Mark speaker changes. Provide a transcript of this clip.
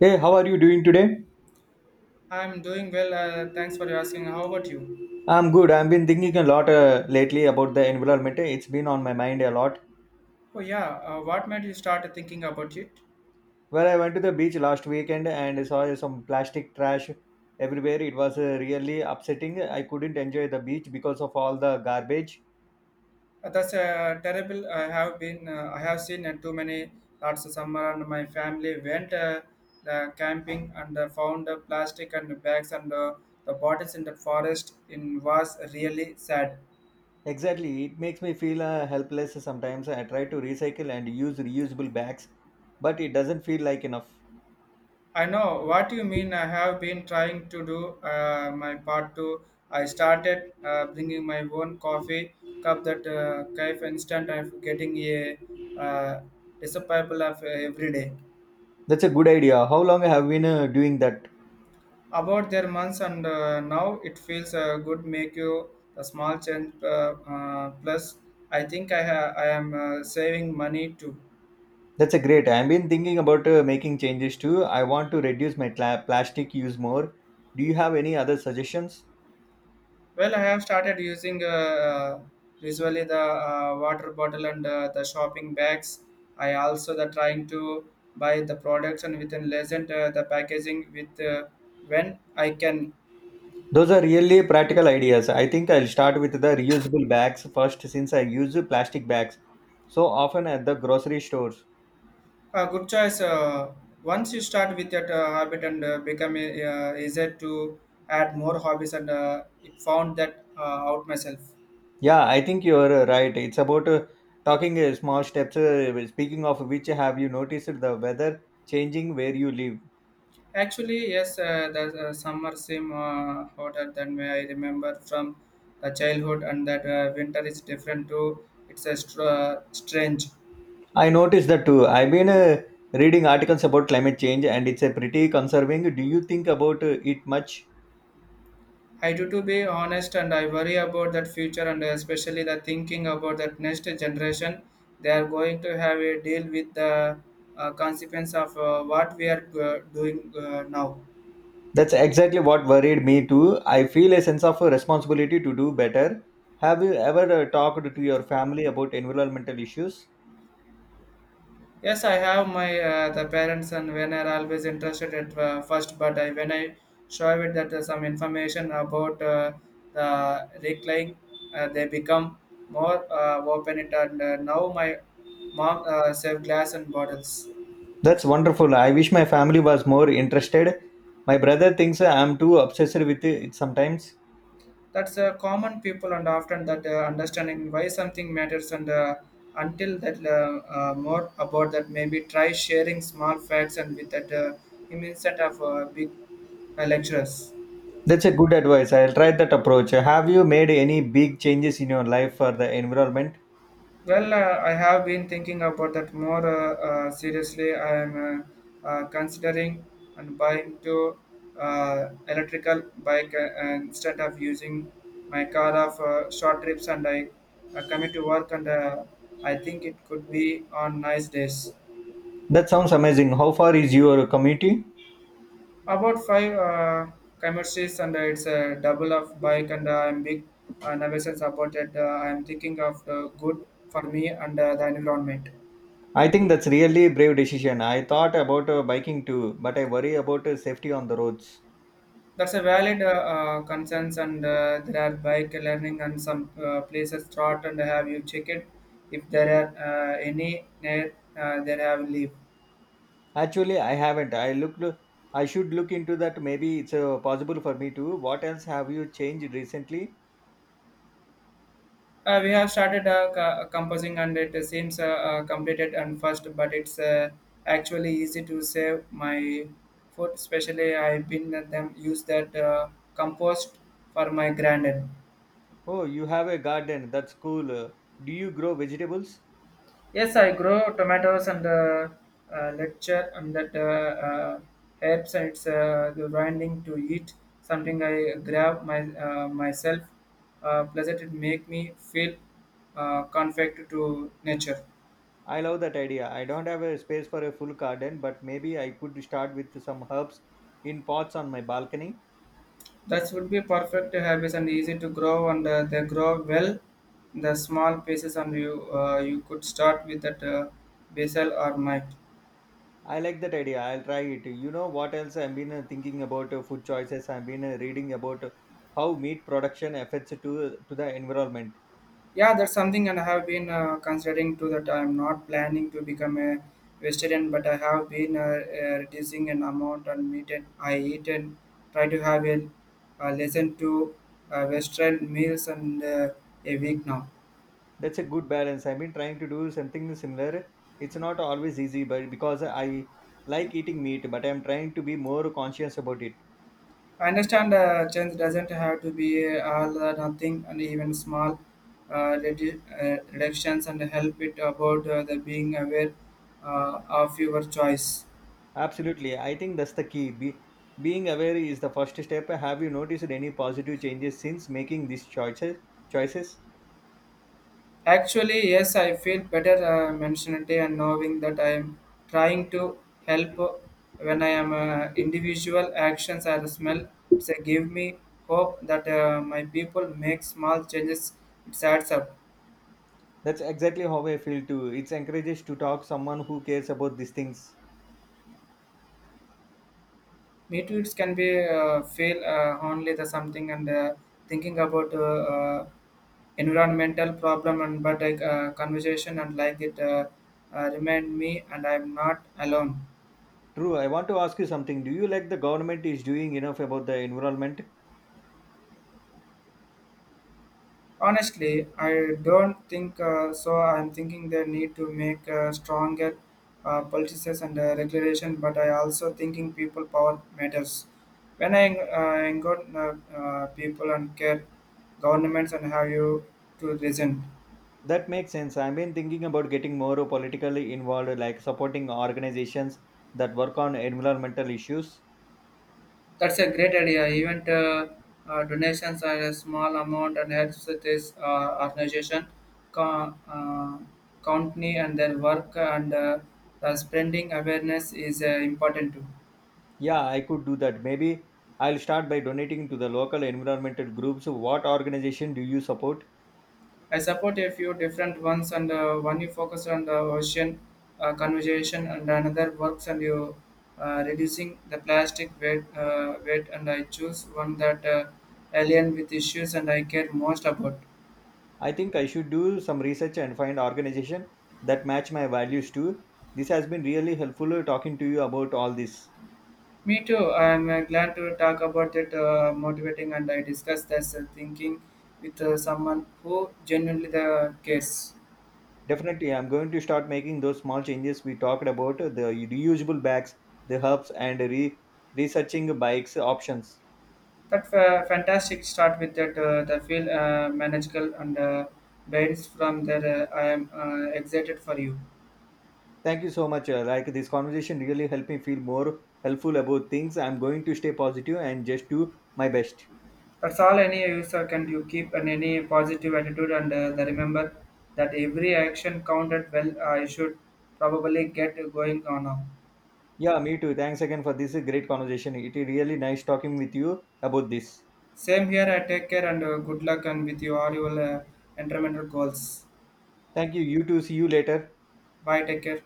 Speaker 1: Hey, how are you doing today?
Speaker 2: I'm doing well. Thanks for asking. How about you?
Speaker 1: I'm good. I've been thinking a lot lately about the environment. It's been on my mind a lot.
Speaker 2: Oh yeah. What made you start thinking about it?
Speaker 1: Well, I went to the beach last weekend and saw some plastic trash everywhere. It was really upsetting. I couldn't enjoy the beach because of all the garbage.
Speaker 2: That's terrible. I have been. I have seen too many last summer, and my family went the camping and found plastic and bags and the bottles in the forest. In was really sad.
Speaker 1: Exactly. It makes me feel helpless sometimes. I try to recycle and use reusable bags, but it doesn't feel like enough.
Speaker 2: I know what you mean. I have been trying to do my part too. I started bringing my own coffee cup that cafe instant of getting a uh, disciple of every day.
Speaker 1: That's a good idea. How long have you been doing that?
Speaker 2: About their months and now it feels good make you a small change. Plus I think I am saving money too.
Speaker 1: That's a great. I've been thinking about making changes too. I want to reduce my plastic use more. Do you have any other suggestions?
Speaker 2: Well, I have started using usually the water bottle and the shopping bags. I also the trying to buy the products and within lesson the packaging with when I can.
Speaker 1: Those are really practical ideas. I think I'll start with the reusable bags first since I use plastic bags so often at the grocery stores.
Speaker 2: Good choice. Once you start with that habit and become easier to add more hobbies and it found that out myself.
Speaker 1: Yeah, I think you're right. It's about talking small steps. Speaking of which, have you noticed the weather changing where you live?
Speaker 2: Actually, yes, the summer seem hotter than may I remember from the childhood, and that winter is different too. It's a strange.
Speaker 1: I noticed that too. I've been reading articles about climate change and it's a pretty conserving. Do you think about it much?
Speaker 2: I do to be honest, and I worry about that future, and especially the thinking about that next generation. They are going to have a deal with the consequence of what we are doing now.
Speaker 1: That's exactly what worried me too. I feel a sense of responsibility to do better. Have you ever talked to your family about environmental issues?
Speaker 2: Yes, I have my the parents and when are always interested at first, but I, when I show it that some information about the recline, they become more open it and now my mom save glass and bottles.
Speaker 1: That's wonderful. I wish my family was more interested. My brother thinks I'm too obsessed with it sometimes.
Speaker 2: That's common people and often that understanding why something matters and until that more about that maybe try sharing small facts and with that immense set of big lecturers.
Speaker 1: That's a good advice. I'll try that approach. Have you made any big changes in your life for the environment?
Speaker 2: Well, I have been thinking about that more seriously. I am considering and buying to electrical bike and instead of using my car of short trips and I commute to work and I think it could be on nice days.
Speaker 1: That sounds amazing. How far is your community?
Speaker 2: About five commuters and it's a double of bike and I'm big nervous about it. I'm thinking of the good for me and the environment.
Speaker 1: I think that's really brave decision. I thought about biking too, but I worry about safety on the roads.
Speaker 2: That's a valid concerns, and there are bike learning and some places start and have you check it if there are any near there have leave.
Speaker 1: Actually, I haven't. I looked. I should look into that. Maybe it's possible for me too. What else have you changed recently?
Speaker 2: We have started composing and it seems completed and first, but it's actually easy to save my food. Especially I've been at them use that compost for my granddad.
Speaker 1: Oh, you have a garden. That's cool. Do you grow vegetables?
Speaker 2: Yes, I grow tomatoes and lecture and that helps. And it's the grinding to eat something I grab my myself. Pleasant it make me feel connected to nature.
Speaker 1: I love that idea. I don't have a space for a full garden, but maybe I could start with some herbs in pots on my balcony.
Speaker 2: That would be perfect habits and easy to grow and they grow well. The small pieces and you you could start with that basil or mite.
Speaker 1: I like that idea. I'll try it. You know what else I've been thinking about food choices. I've been reading about how meat production affects to the environment.
Speaker 2: Yeah, that's something and I have been considering too that I'm not planning to become a vegetarian, but I have been reducing an amount on meat and I eat and try to have a lesson to Western meals and a week now.
Speaker 1: That's a good balance. I've been trying to do something similar. It's not always easy, but because I like eating meat, but I'm trying to be more conscious about it.
Speaker 2: I understand change doesn't have to be all or nothing and even small uh, reductions and help it about the being aware of your choice.
Speaker 1: Absolutely, I think that's the key. Being aware is the first step. Have you noticed any positive changes since making these choices? Choices.
Speaker 2: Actually, yes, I feel better mentioned and knowing that I am trying to help when I am individual actions are smell. They give me hope that my people make small changes. It adds up.
Speaker 1: That's exactly how I feel too. It's encourages to talk someone who cares about these things.
Speaker 2: Me too. It can be feel only the something and thinking about environmental problem and but conversation and like it remind me and I am not alone.
Speaker 1: True. I want to ask you something. Do you like the government is doing enough about the environment?
Speaker 2: Honestly, I don't think so. I'm thinking they need to make stronger policies and regulation, but I also thinking people power matters. When I engage people and care governments and have you to listen.
Speaker 1: That makes sense. I've been thinking about getting more politically involved, like supporting organizations that work on environmental issues.
Speaker 2: That's a great idea. Even donations are a small amount and helps with this organization, co- uh, company and their work and the spreading awareness is important too.
Speaker 1: Yeah, I could do that. Maybe I'll start by donating to the local environmental groups. What organization do you support?
Speaker 2: I support a few different ones, and one you focus on the ocean conservation, and another works on you reducing the plastic weight. Weight, and I choose one that alien with issues, and I care most about.
Speaker 1: I think I should do some research and find organization that match my values too. This has been really helpful talking to you about all this.
Speaker 2: Me too. I'm glad to talk about it, motivating, and I discuss this thinking with someone who genuinely the cares.
Speaker 1: Definitely, I'm going to start making those small changes we talked about, the reusable bags, the hubs, and researching bikes options.
Speaker 2: That fantastic start with that the feel manageable and bands from there. I am excited for you.
Speaker 1: Thank you so much. Like this conversation really helped me feel more helpful about things. I'm going to stay positive and just do my best.
Speaker 2: That's all any user can you keep and any positive attitude and the remember that every action counted well. I should probably get going on now.
Speaker 1: Yeah, me too. Thanks again for this great conversation. It is really nice talking with you about this.
Speaker 2: Same here. I take care and good luck and with your all your environmental goals.
Speaker 1: Thank you. You too. See you later.
Speaker 2: Bye. Take care.